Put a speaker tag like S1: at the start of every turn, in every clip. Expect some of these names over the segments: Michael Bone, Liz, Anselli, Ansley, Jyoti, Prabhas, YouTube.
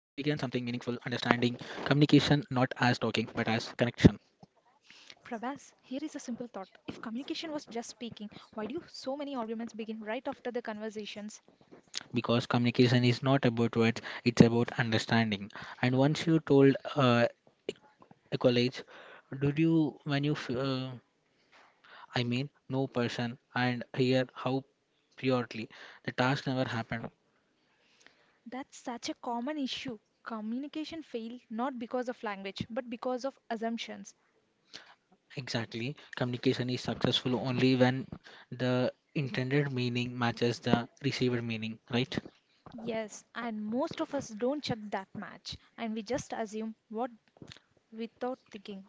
S1: communication not as talking but as connection.
S2: Prabhas, here is a simple thought. If communication was just speaking, why do you so many arguments begin right after the conversations?
S1: Because communication is not about words, it's about understanding. And once you told a college, did you, when you, I mean, no person, and here how purely the task never happened.
S2: That's such a common issue. Communication failed not because of language, but because of assumptions.
S1: Exactly, communication is successful only when the intended meaning matches the received meaning, right?
S2: Yes, and most of us don't check that match and we just assume what without thinking.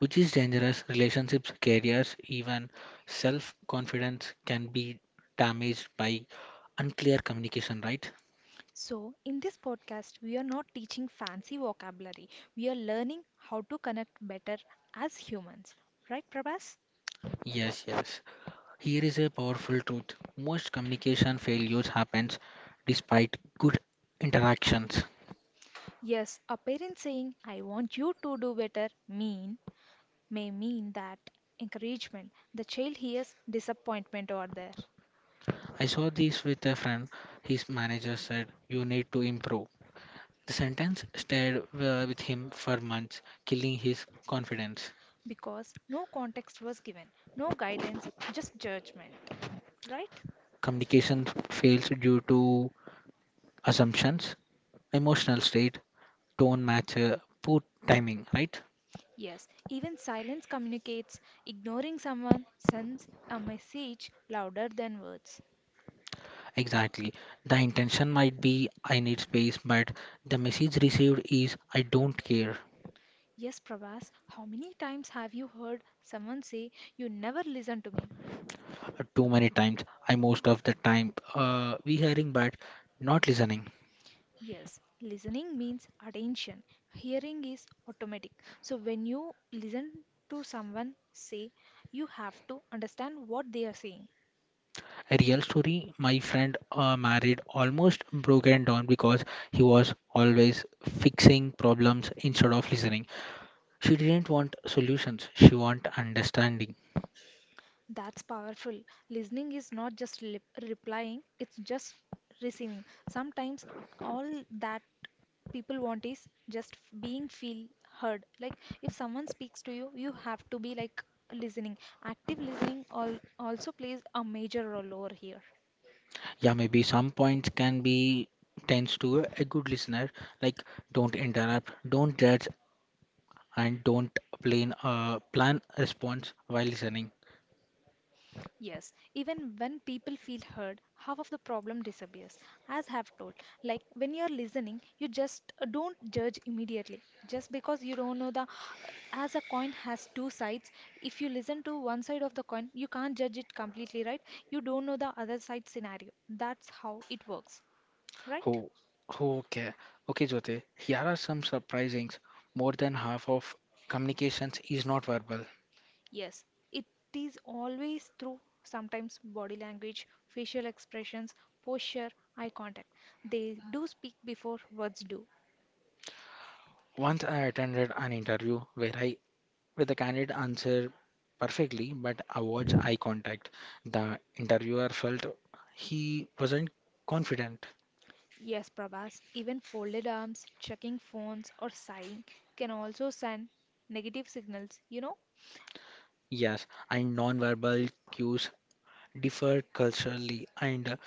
S1: Which is dangerous. Relationships, careers, even self confidence can be damaged by unclear communication, right?
S2: So, in this podcast, we are not teaching fancy vocabulary. We are learning how to connect better as humans. Right, Prabhas?
S1: Yes, yes. Here is a powerful truth. Most communication failures happens despite good interactions.
S2: Yes, a parent saying, I want you to do better, mean, may mean that encouragement. The child hears disappointment over there
S1: I saw this with a friend. His manager said, "You need to improve." The sentence stayed with him for months, killing his confidence.
S2: because no context was given, no guidance, just judgment. Right?
S1: Communication fails due to assumptions, emotional state, don't match poor timing, right?
S2: Yes, even silence communicates. Ignoring someone sends a message louder than words.
S1: Exactly. The intention might be I need space, but the message received is I don't care.
S2: Yes, Prabhas. How many times have you heard someone say, you never listen to me?
S1: Too many times, I most of the time we hearing but not listening.
S2: Yes, listening means attention. Hearing is automatic. So when you listen to someone say, you have to understand what they are saying.
S1: A real story. My friend married almost broken down because he was always fixing problems instead of listening. She didn't want solutions. She want understanding.
S2: That's powerful. Listening is not just replying, it's just receiving. Sometimes all that people want is just being feel heard. Like if someone speaks to you, you have to be like listening. Active listening all also plays a major role over here.
S1: Yeah, maybe some points can be tends to a good listener, like don't interrupt, don't judge, and don't plan plan response while listening.
S2: Yes, even when people feel heard, half of the problem disappears. As have told, like when you're listening, you just don't judge immediately. Just because you don't know the as a coin has two sides, if you listen to one side of the coin, you can't judge it completely, right? You don't know the other side scenario. That's how it works, right?
S1: Oh, okay. Okay, Jyote, here are some surprisings. More than half of communications is not verbal.
S2: Yes, it is always through sometimes body language, facial expressions, posture, eye contact. They do speak before words do.
S1: Once I attended an interview where I where the candidate answered perfectly but avoids eye contact. The interviewer felt he wasn't confident.
S2: Yes, Prabhas, even folded arms, checking phones, or sighing can also send negative signals, you know?
S1: Yes, and non-verbal cues differ culturally, and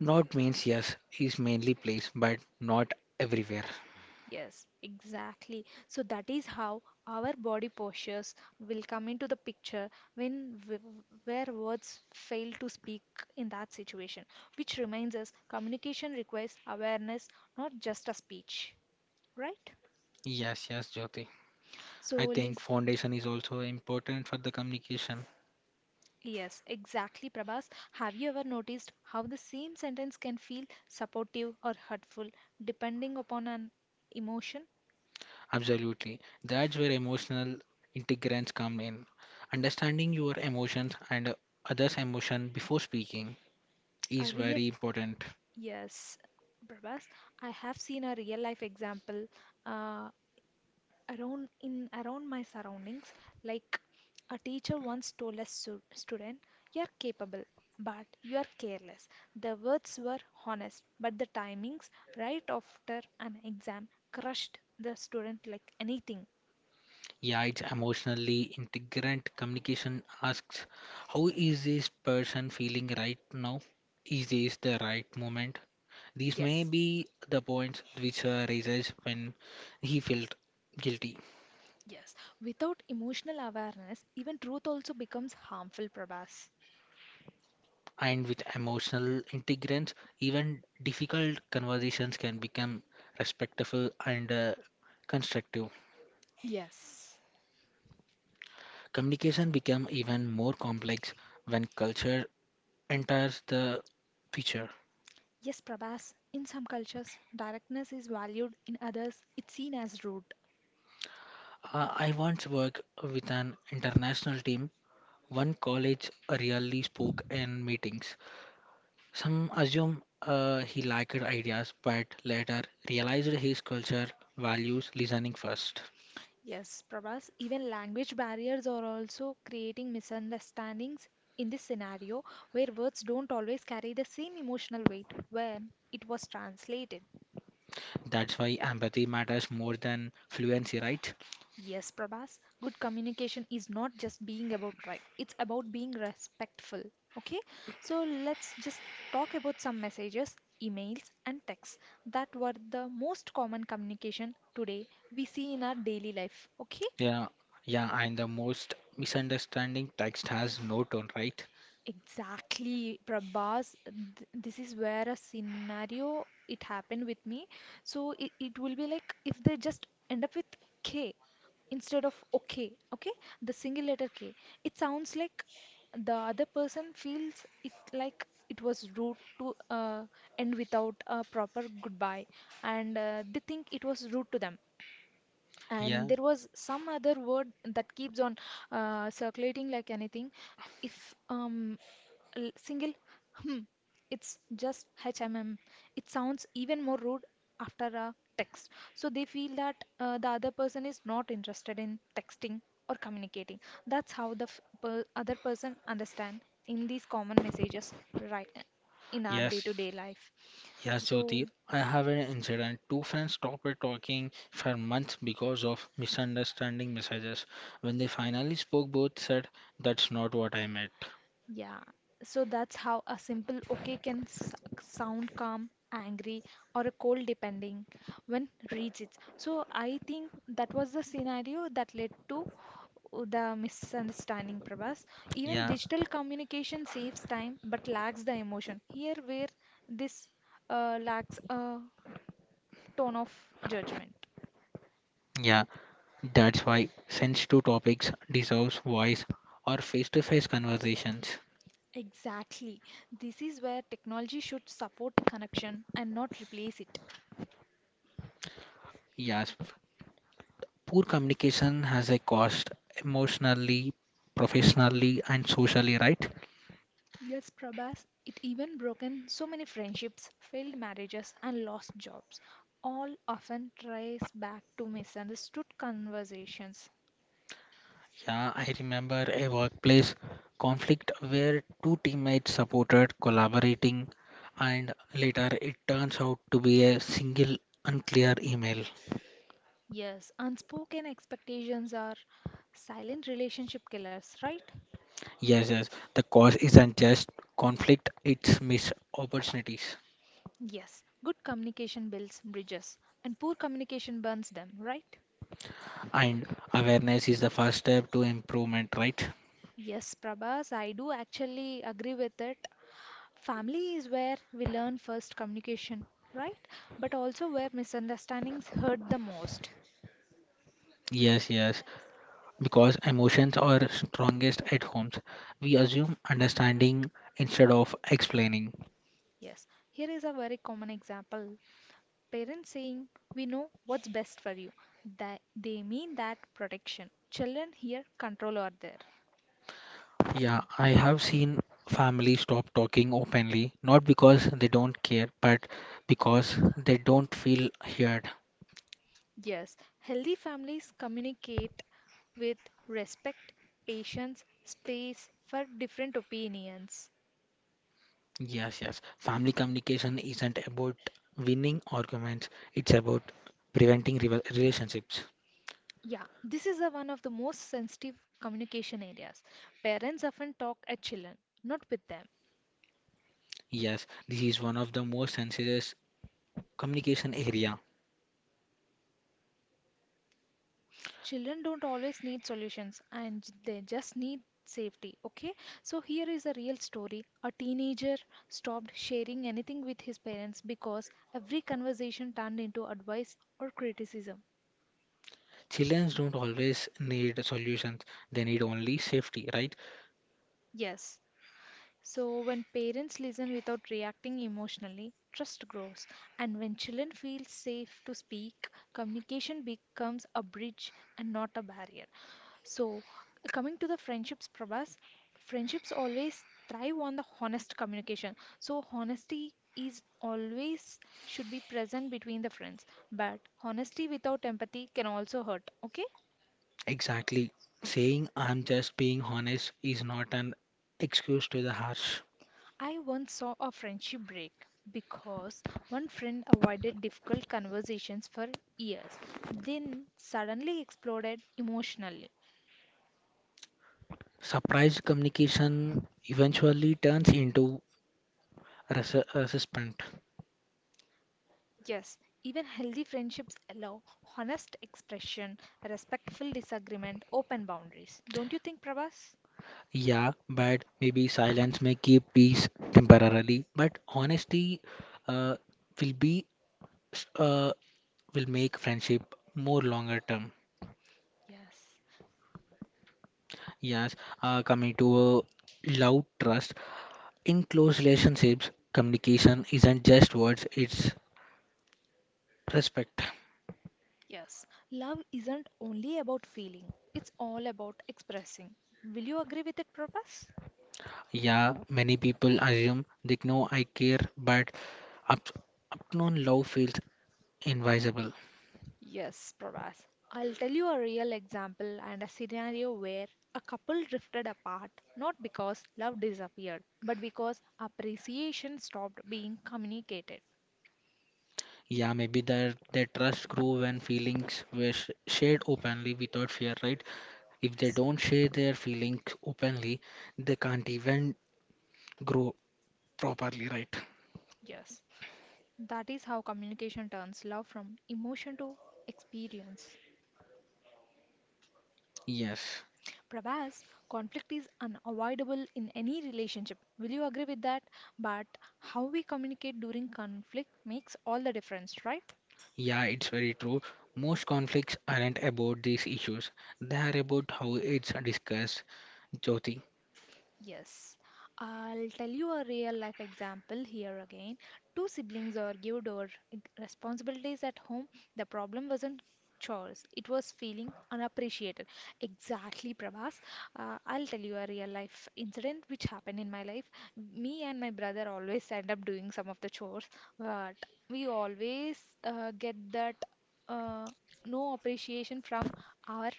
S1: not means yes is mainly place, but not everywhere.
S2: Yes, exactly. So that is how our body postures will come into the picture when where words fail to speak in that situation, which reminds us communication requires awareness, not just a speech, right?
S1: Yes, yes, Jyoti.
S2: So,
S1: I think
S2: Liz.
S1: foundation is also important for the communication.
S2: Yes, exactly, Prabhas. Have you ever noticed how the same sentence can feel supportive or hurtful depending upon an emotion?
S1: Absolutely. That's where emotional integrants come in. Understanding your emotions and others' emotion before speaking
S2: A
S1: is
S2: real
S1: very important.
S2: yes, Prabhas, I have seen a real life example uh, around in around my surroundings. Like a teacher once told a student, "You're capable, but you're careless." The words were honest, but the timings right after an exam crushed the student like anything.
S1: Yeah, it's emotionally integrant. Communication asks, how is this person feeling right now? Is this the right moment? These may
S2: Yes,
S1: be the points which raises when he felt guilty.
S2: yes. Without emotional awareness, even truth also becomes harmful, Prabhas.
S1: And with emotional integrance, even difficult conversations can become respectful and constructive.
S2: Yes.
S1: Communication become even more complex when culture enters the picture.
S2: Yes, Prabhas, in some cultures, directness is valued, in others, it's seen as rude.
S1: I once worked with an international team. One college really spoke in meetings. Some assumed he lacked ideas, but later realized his culture values listening first.
S2: Yes, Prabhas, even language barriers are also creating misunderstandings in this scenario where words don't always carry the same emotional weight when it was translated.
S1: That's why empathy matters more than fluency, right?
S2: Yes, Prabhas, good communication is not just being about right, it's about being respectful. Okay, so let's just talk about some messages, emails, and texts that were the most common communication today we see in our daily life. Okay,
S1: Yeah, yeah, and the most misunderstanding text has no tone, right?
S2: exactly, Prabhas. This is where a scenario it happened with me. So it will be like if they just end up with K instead of okay, okay, the single letter k, it sounds like the other person feels it like it was rude to end without a proper goodbye and they think it was rude to them
S1: Yeah,
S2: and there was some other word that keeps on circulating like anything if single hmm. It's just HMM. It sounds even more rude after a text. So they feel that the other person is not interested in texting or communicating. That's how the other person understand in these common messages right in our
S1: yes.
S2: day-to-day life.
S1: Yes,
S2: So
S1: Jyoti, I have an incident. Two friends stopped talking for months because of misunderstanding messages. When they finally spoke, both said, that's not what I meant.
S2: yeah, so that's how a simple okay can sound calm, angry, or a cold depending when reads it. So I think that was the scenario that led to the misunderstanding, Prabhas. Even
S1: Yeah,
S2: digital communication saves time but lacks the emotion. Here, where this lacks a tone of judgment.
S1: yeah, that's why sensitive topics deserves voice or face-to-face conversations.
S2: Exactly. This is where technology should support connection and not replace it.
S1: Yes, poor communication has a cost emotionally, professionally, and socially, right?
S2: Yes, Prabhas, it even broken so many friendships, failed marriages, and lost jobs, all often trace back to misunderstood conversations.
S1: Yeah, I remember a workplace conflict where two teammates supported collaborating, and later it turns out to be a single unclear email.
S2: Yes, unspoken expectations are silent relationship killers, right?
S1: Yes, yes, the cause isn't just conflict, it's missed opportunities.
S2: Yes, good communication builds bridges, and poor communication burns them, right?
S1: And awareness is the first step to improvement, right?
S2: Yes, Prabhas, I do actually agree with it. Family is where we learn first communication, right? But also where misunderstandings hurt the most.
S1: Yes, yes, because emotions are strongest at homes. We assume understanding instead of explaining.
S2: Yes, here is a very common example. Parents saying, we know what's best for you. That they mean that protection. Children here control are there.
S1: Yeah, I have seen families stop talking openly, not because they don't care, but because they don't feel heard.
S2: Yes, healthy families communicate with respect, patience, space for different opinions.
S1: Yes, yes. Family communication isn't about winning arguments, it's about preventing relationships.
S2: Yeah, this is the one of the most sensitive communication areas. Parents often talk at children, not with them.
S1: Yes, this is one of the most sensitive communication area.
S2: Children don't always need solutions and they just need safety, okay? So, here is a real story. A teenager stopped sharing anything with his parents because every conversation turned into advice or criticism.
S1: Children don't always need solutions, they need only safety, right?
S2: Yes. So, when parents listen without reacting emotionally, trust grows. And when children feel safe to speak, communication becomes a bridge and not a barrier. So, coming to the friendships, Prabhas, friendships always thrive on the honest communication. So, honesty is always should be present between the friends. But honesty without empathy can also hurt. Okay?
S1: Exactly. Saying I'm just being honest is not an excuse to the harsh.
S2: I once saw a friendship break because one friend avoided difficult conversations for years, then suddenly exploded emotionally.
S1: Surprise communication eventually turns into resentment.
S2: Yes, even healthy friendships allow honest expression, respectful disagreement, open boundaries. Don't you think, Prabhas?
S1: Yeah, but maybe silence may keep peace temporarily, but honesty uh, will be s- uh, will make friendship more longer term.
S2: Yes,
S1: Yes, coming to love trust in close relationships, communication isn't just words; it's respect.
S2: yes. Love isn't only about feeling, it's all about expressing. Will you agree with it, Prabhas?
S1: Yeah, many people assume they know I care, but up, upknown love feels invisible.
S2: Yes, Prabhas. I'll tell you a real example and a scenario where a couple drifted apart not because love disappeared, but because appreciation stopped being communicated.
S1: Yeah, maybe their trust grew when feelings were shared openly without fear, right? If they
S2: Yes,
S1: don't share their feelings openly, they can't even grow properly, right?
S2: yes. That is how communication turns love from emotion to experience.
S1: Yes.
S2: Prabhas, conflict is unavoidable in any relationship. Will you agree with that? But how we communicate during conflict makes all the difference, right?
S1: Yeah, it's very true. Most conflicts aren't about these issues. They are about how it's discussed. Jyoti.
S2: Yes, I'll tell you a real life example here again. Two siblings argued over responsibilities at home. The problem wasn't chores, it was feeling unappreciated. Exactly, Prabhas. I'll tell you a real life incident which happened in my life. Me and my brother always end up doing some of the chores, but we always get that uh, no appreciation from our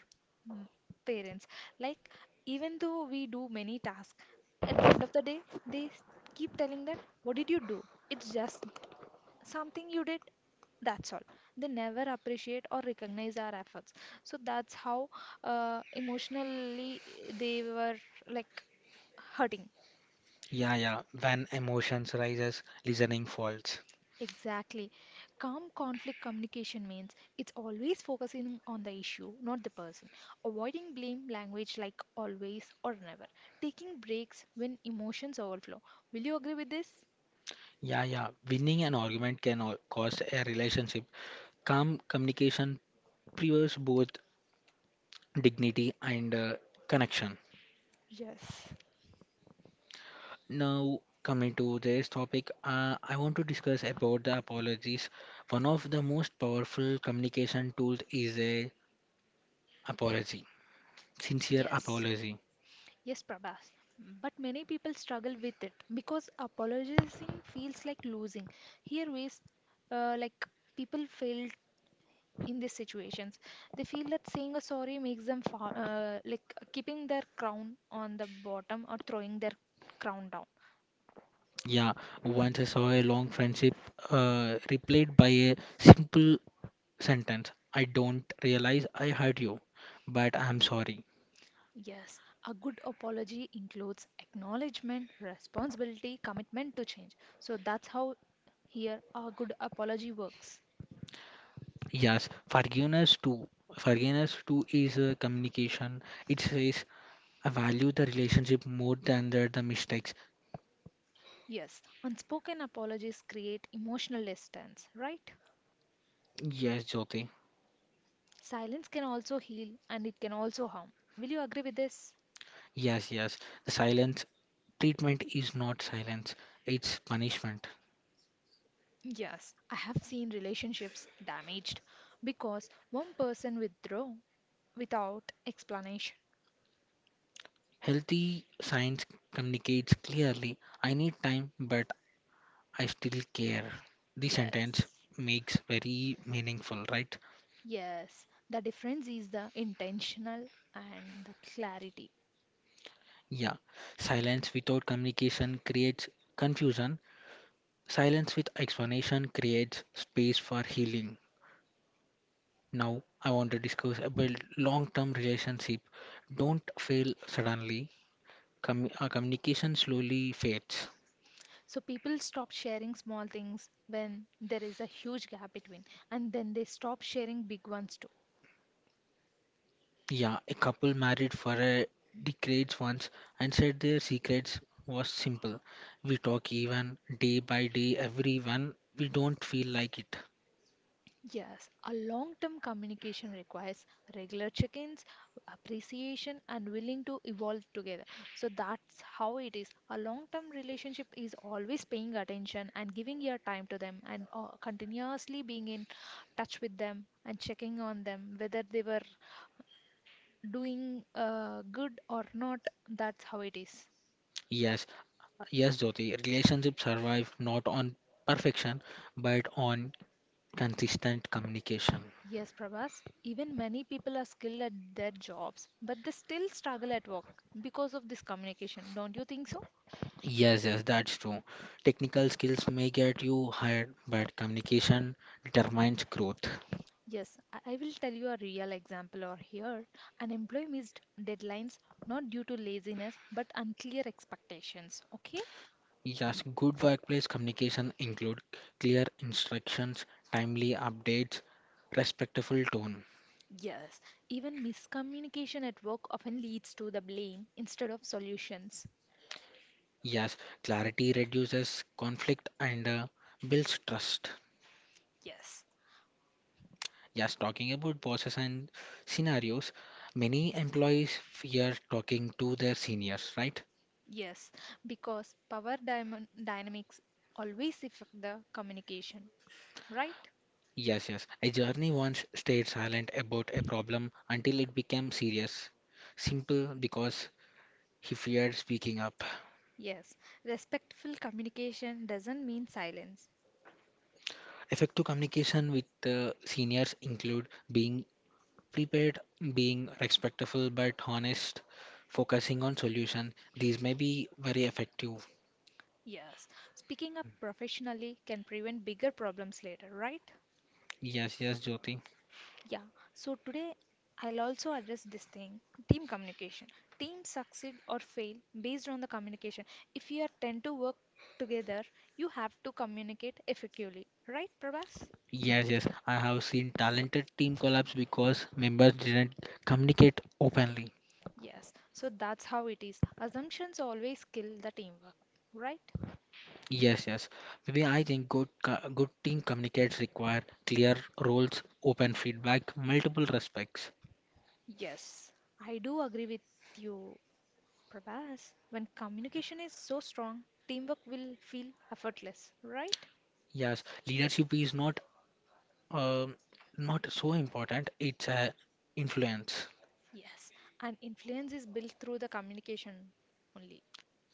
S2: mm, parents. Like, even though we do many tasks, at the end of the day, they keep telling that, what did you do? It's just something you did, that's all. They never appreciate or recognize our efforts. So that's how emotionally they were like hurting.
S1: Yeah, yeah. When emotions rises, listening falls.
S2: Exactly. Calm conflict communication means it's always focusing on the issue, not the person. Avoiding blame language like always or never. Taking breaks when emotions overflow. Will you agree with this?
S1: Yeah, yeah. Winning an argument can cost a relationship. Calm communication preserves both dignity and connection.
S2: Yes.
S1: Now, coming to this topic, I want to discuss about the apologies. One of the most powerful communication tools is a apology, sincere
S2: Yes,
S1: apology.
S2: yes, Prabhas. But many people struggle with it because apologizing feels like losing. Here, ways like people feel in these situations. They feel that saying a sorry makes them fa like keeping their crown on the bottom or throwing their crown down.
S1: Yeah, once I saw a long friendship replaced by a simple sentence. I don't realize I hurt you, but I'm sorry.
S2: Yes, a good apology includes acknowledgement, responsibility, commitment to change. So that's how here a good apology works.
S1: Yes, forgiveness too. Forgiveness too is a communication. It says I value the relationship more than the mistakes.
S2: Yes, unspoken apologies create emotional distance, right?
S1: Yes, Jyoti.
S2: Silence can also heal and it can also harm. Will you agree with this?
S1: Yes, yes. The silence treatment is not silence, it's punishment.
S2: Yes, I have seen relationships damaged because one person withdraw without explanation.
S1: Healthy science communicates clearly I need time, but I still care. The sentence
S2: Yes,
S1: makes very meaningful, right?
S2: yes, the difference is the intentional and the clarity.
S1: Yeah. Silence without communication creates confusion, silence with explanation creates space for healing. Now, I want to discuss about long term relationship. Don't fail suddenly. Communication slowly fades.
S2: So people stop sharing small things when there is a huge gap between, and then they stop sharing big ones too.
S1: Yeah, a couple married for a decades once and said their secrets was simple. We talk even day by day, everyone. We don't feel like it.
S2: Yes, a long term communication requires regular check ins, appreciation, and willing to evolve together. So that's how it is. A long term relationship is always paying attention and giving your time to them and continuously being in touch with them and checking on them whether they were doing good or not. That's how it is.
S1: Yes, yes, Jyoti. Relationships survive not on perfection but on consistent communication.
S2: Yes, Prabhas, even many people are skilled at their jobs, but they still struggle at work because of this communication. Don't you think so?
S1: Yes, yes, that's true. Technical skills may get you hired, but communication determines growth.
S2: Yes, I will tell you a real example over here. An employee missed deadlines not due to laziness but unclear expectations. Okay?
S1: Yes, good workplace communication include clear instructions, timely updates, respectful tone.
S2: Yes, even miscommunication at work often leads to the blame instead of solutions.
S1: Yes, clarity reduces conflict and builds trust.
S2: Yes,
S1: Yes, talking about bosses and scenarios, many employees fear talking to their seniors, right?
S2: yes, because dynamics always affect the communication, right?
S1: Yes, yes. A journey once stayed silent about a problem until it became serious. Simple because he feared speaking up.
S2: Yes, respectful communication doesn't mean silence.
S1: Effective communication with seniors include being prepared, being respectful but honest, focusing on solution. These may be very effective.
S2: Yes, speaking up professionally can prevent bigger problems later, right?
S1: Yes, yes, Jyoti.
S2: Yeah, so today I'll also address this thing team communication. Teams succeed or fail based on the communication. If you are tend to work together, you have to communicate effectively, right, Prabhas?
S1: Yes, yes. I have seen talented team collapse because members didn't communicate openly.
S2: Yes, so that's how it is. Assumptions always kill the teamwork, right?
S1: Yes, yes. Maybe I think good team communicates require clear roles, open feedback, multiple respects.
S2: Yes, I do agree with you, Prabhas. When communication is so strong, teamwork will feel effortless, right?
S1: Yes, leadership is not um not so important. It's a influence.
S2: Yes, and influence is built through the communication only.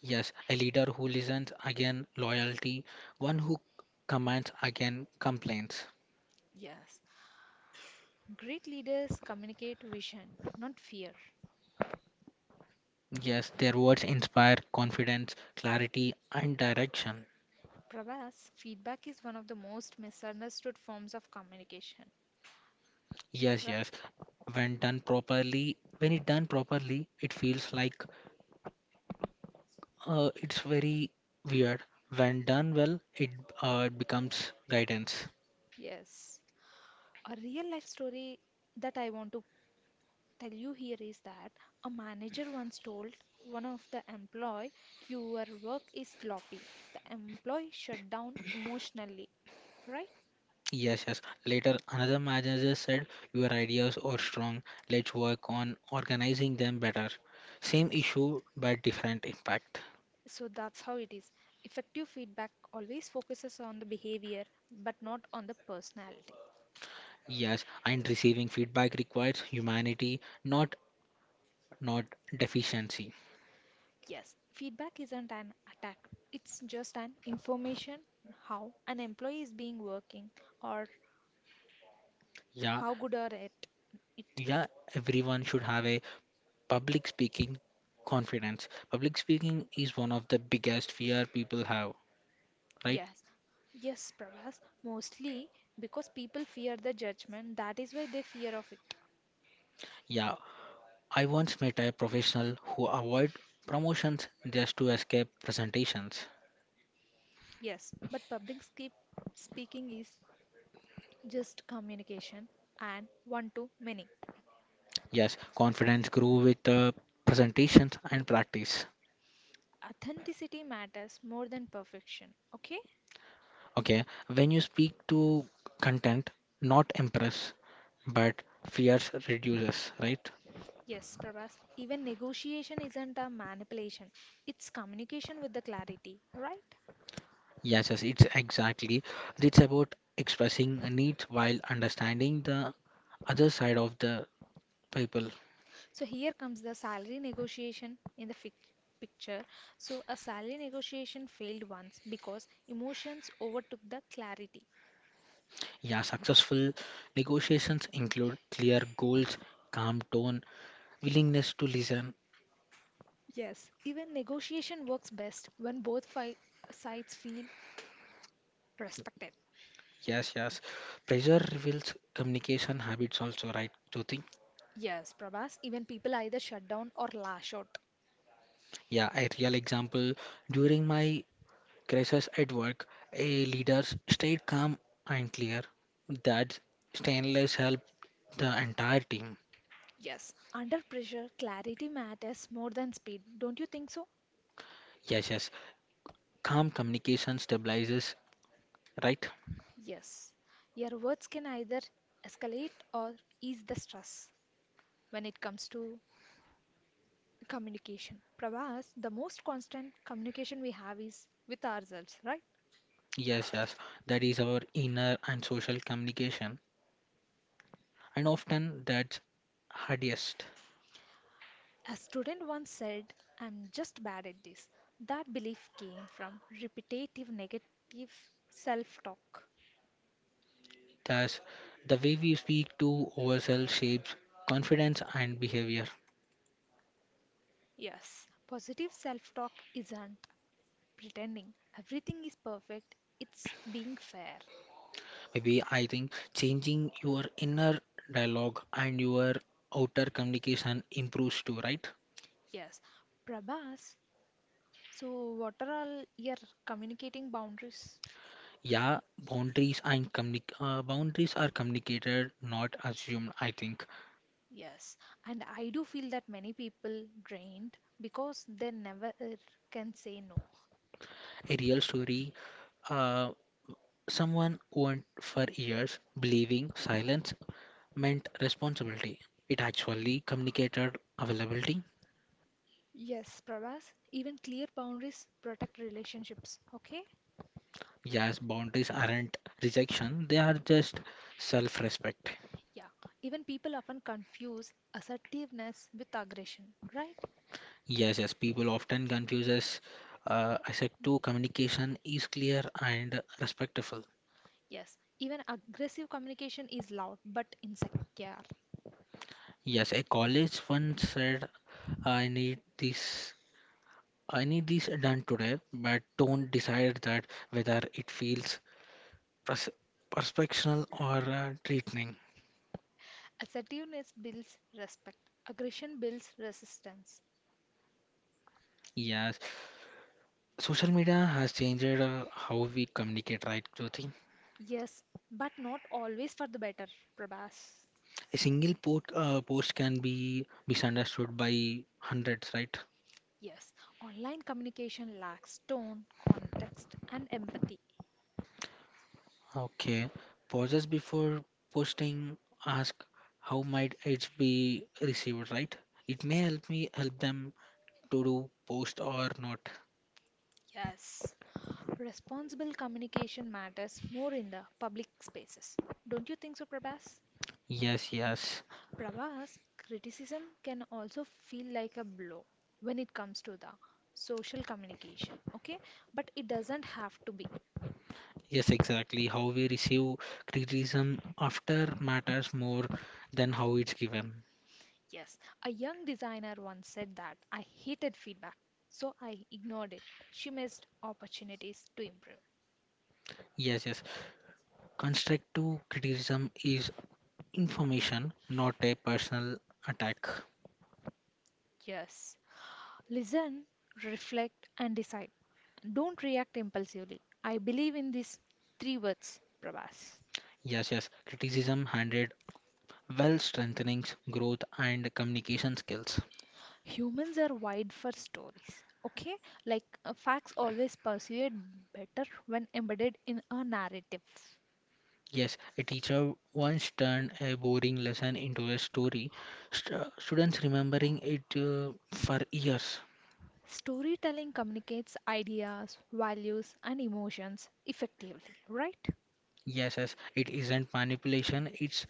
S1: Yes, a leader who listens again loyalty, one who commands again complaints.
S2: Yes, great leaders communicate vision, not fear.
S1: Yes, their words inspire confidence, clarity, and direction.
S2: Prabhas, feedback is one of the most misunderstood forms of communication,
S1: Yes,
S2: right?
S1: yes. When done properly, when it done properly, it feels like it's very weird. When done well, it it becomes guidance.
S2: Yes, a real life story that I want to tell you here is that a manager once told one of the employee, your work is sloppy. The employee shut down emotionally, right?
S1: Yes, yes. Later, another manager said, your ideas are strong. Let's work on organizing them better. Same issue, but different impact.
S2: So that's how it is. Effective feedback always focuses on the behavior but not on the personality.
S1: Yes, and receiving feedback requires humanity, not deficiency.
S2: Yes, feedback isn't an attack. It's just an information how an employee is being working or
S1: Yeah,
S2: how good are it? It
S1: yeah, everyone should have a public speaking confidence. Public speaking is one of the biggest fear people have, right?
S2: yes, yes, Prabhas. Mostly because people fear the judgment. That is why they fear of it.
S1: Yeah, I once met a professional who avoid promotions just to escape presentations.
S2: Yes, but public skip speaking is just communication and one to many.
S1: Yes, confidence grew with presentations and practice.
S2: Authenticity matters more than perfection. Okay?
S1: Okay, when you speak to content, not impress, but fears reduces, right?
S2: Yes, Prabhas, even negotiation isn't a manipulation, it's communication with the clarity, right?
S1: Yes, yes, it's exactly. It's about expressing needs while understanding the other side of the people.
S2: So here comes the salary negotiation in the picture. So a salary negotiation failed once because emotions overtook the clarity.
S1: Yeah, successful negotiations include clear goals, calm tone, willingness to listen.
S2: Yes, even negotiation works best when both sides feel respected.
S1: Yes, yes, pressure reveals communication habits also, right, Jyoti?
S2: Yes, Prabhas, even people either shut down or lash out.
S1: Yeah, a real example during my crisis at work, a leader stayed calm and clear, that stainless helped the entire team.
S2: Yes, under pressure, clarity matters more than speed. Don't you think so?
S1: Yes, yes, calm communication stabilizes, right?
S2: Yes, your words can either escalate or ease the stress when it comes to communication. Prabhas, the most constant communication we have is with ourselves, right?
S1: Yes, yes, that is our inner and social communication, and often that's hardest.
S2: A student once said, I'm just bad at this. That belief came from repetitive negative self talk.
S1: Thus, the way we speak to ourselves shapes confidence and behavior.
S2: Yes, positive self talk isn't pretending everything is perfect, it's being fair.
S1: Maybe I think changing your inner dialogue and your outer communication improves too, right?
S2: Yes, Prabhas, so what are all your communicating boundaries?
S1: Yeah, boundaries are communicated, not assumed. I think
S2: Yes, and I do feel that many people drained because they never can say no.
S1: a real story. Uh, Someone went for years believing silence meant responsibility. It actually communicated availability.
S2: Yes, Pravas, even clear boundaries protect relationships, okay?
S1: Yes, boundaries aren't rejection, they are just self respect.
S2: Yeah, even people often confuse assertiveness with aggression, right?
S1: Yes, yes, people often confuse assertive communication is clear and respectful.
S2: Yes, even aggressive communication is loud but insecure.
S1: Yes, a college once said, I need this, I need this done today, but don't decide that whether it feels pers- perspectional or threatening.
S2: Assertiveness builds respect, aggression builds resistance.
S1: Yes, social media has changed how we communicate, right, Jyoti?
S2: Yes, but not always for the better, Prabhas.
S1: A single post can be misunderstood by hundreds, right?
S2: Yes, online communication lacks tone, context, and empathy.
S1: Okay. Pauses before posting ask how might it be received, right? It may help me help them to do post or not.
S2: Yes. Responsible communication matters more in the public spaces. Don't you think so, Prabhas?
S1: Yes, yes.
S2: Prabhas, criticism can also feel like a blow when it comes to the social communication, okay? But it doesn't have to be.
S1: Yes, exactly. How we receive criticism after matters more than how it's given.
S2: Yes, a young designer once said that I hated feedback, so I ignored it. She missed opportunities to improve.
S1: Yes, yes. Constructive criticism is information, not a personal attack.
S2: Yes, listen, reflect, and decide. Don't react impulsively. I believe in these three words, Prabhas.
S1: Yes, yes. Criticism handled well strengthening growth and communication skills.
S2: Humans are wide for stories, okay? Like, facts always persuade better when embedded in a narrative.
S1: Yes, a teacher once turned a boring lesson into a story, students remembering it for years.
S2: Storytelling communicates ideas, values, and emotions effectively, right?
S1: Yes, yes. It isn't manipulation, it's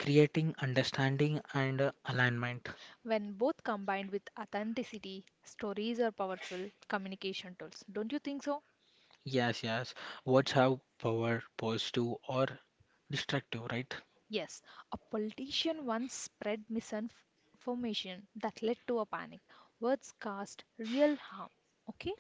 S1: creating understanding and alignment.
S2: When both combined with authenticity, stories are powerful communication tools, don't you think so?
S1: Yes, yes. Words have power, positive or destructive, right?
S2: Yes, a politician once spread misinformation that led to a panic. Words caused real harm, okay?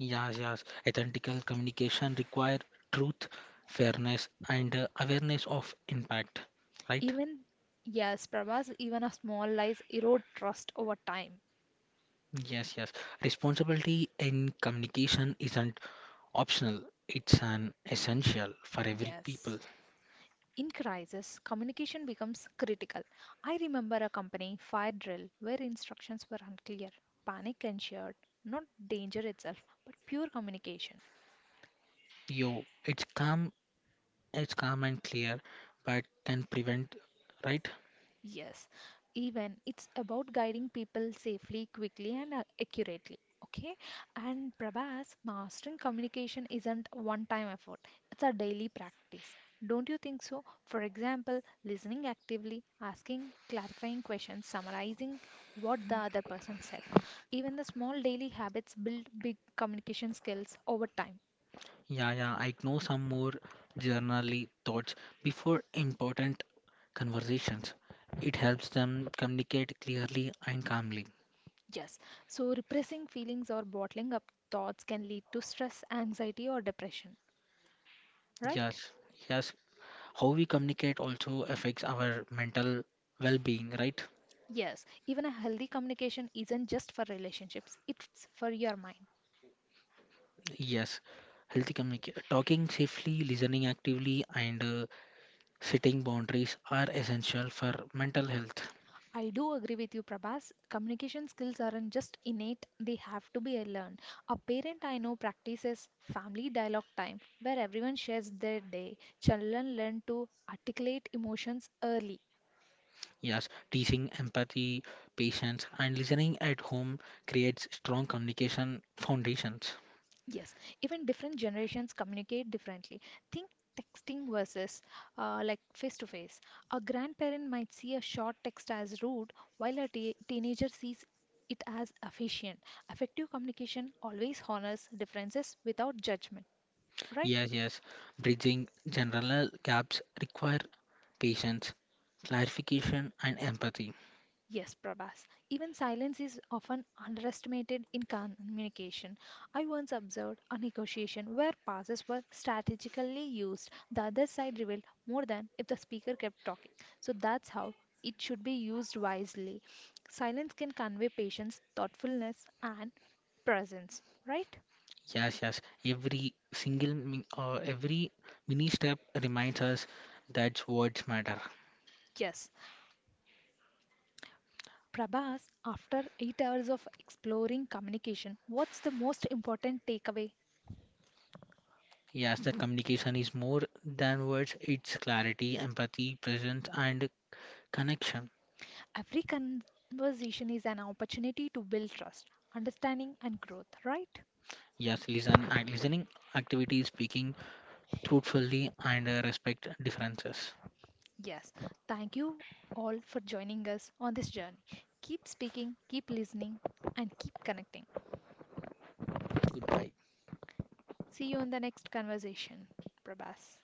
S1: Yes, yes. Ethical communication require truth, fairness, and awareness of impact, right?
S2: Even, yes, Prabhas, even a small lies erode trust over time.
S1: Yes, yes. Responsibility in communication isn't optional. It's an essential for every
S2: Yes.
S1: people.
S2: In crisis, communication becomes critical. I remember a company fire drill where instructions were unclear. Panic ensured, not danger itself, but pure communication.
S1: Yo, it's calm and clear, but can prevent, right?
S2: Yes, even it's about guiding people safely, quickly, and accurately. Okay, and Prabhas, mastering communication isn't a one-time effort, it's a daily practice. Don't you think so? For example, listening actively, asking clarifying questions, summarizing what the other person said. Even the small daily habits build big communication skills over time.
S1: Yeah, yeah. I know some more generally thoughts before important conversations. It helps them communicate clearly and calmly.
S2: Yes, so repressing feelings or bottling up thoughts can lead to stress, anxiety, or depression, right?
S1: Yes, yes. How we communicate also affects our mental well-being, right?
S2: Yes, even a healthy communication isn't just for relationships, it's for your mind.
S1: Yes. Healthy communication, talking safely, listening actively, and setting boundaries are essential for mental health.
S2: I do agree with you, Prabhas. Communication skills aren't just innate, they have to be learned. A parent I know practices family dialogue time where everyone shares their day. Children learn to articulate emotions early.
S1: Yes, teasing empathy, patience, and listening at home creates strong communication foundations.
S2: Yes, even different generations communicate differently. Think texting versus like face to face. A grandparent might see a short text as rude, while a teenager sees it as efficient. Effective communication always honors differences without judgment, right?
S1: Yes, yes. Bridging general gaps require patience, clarification, and empathy.
S2: Yes, Prabhas. Even silence is often underestimated in communication. I once observed a negotiation where pauses were strategically used. The other side revealed more than if the speaker kept talking. So that's how it should be used wisely. Silence can convey patience, thoughtfulness, and presence, right?
S1: Yes, yes. Every single every mini step reminds us that words matter.
S2: Yes. Prabhas, after 8 hours of exploring communication, what's the most important takeaway?
S1: Yes, that communication is more than words. It's clarity, empathy, presence, and connection.
S2: Every conversation is an opportunity to build trust, understanding, and growth, right?
S1: Yes, listen, and listening activity is speaking truthfully and respect differences.
S2: Yes. Thank you all for joining us on this journey. Keep speaking, keep listening, and keep connecting.
S1: Goodbye.
S2: See you in the next conversation, Prabhas.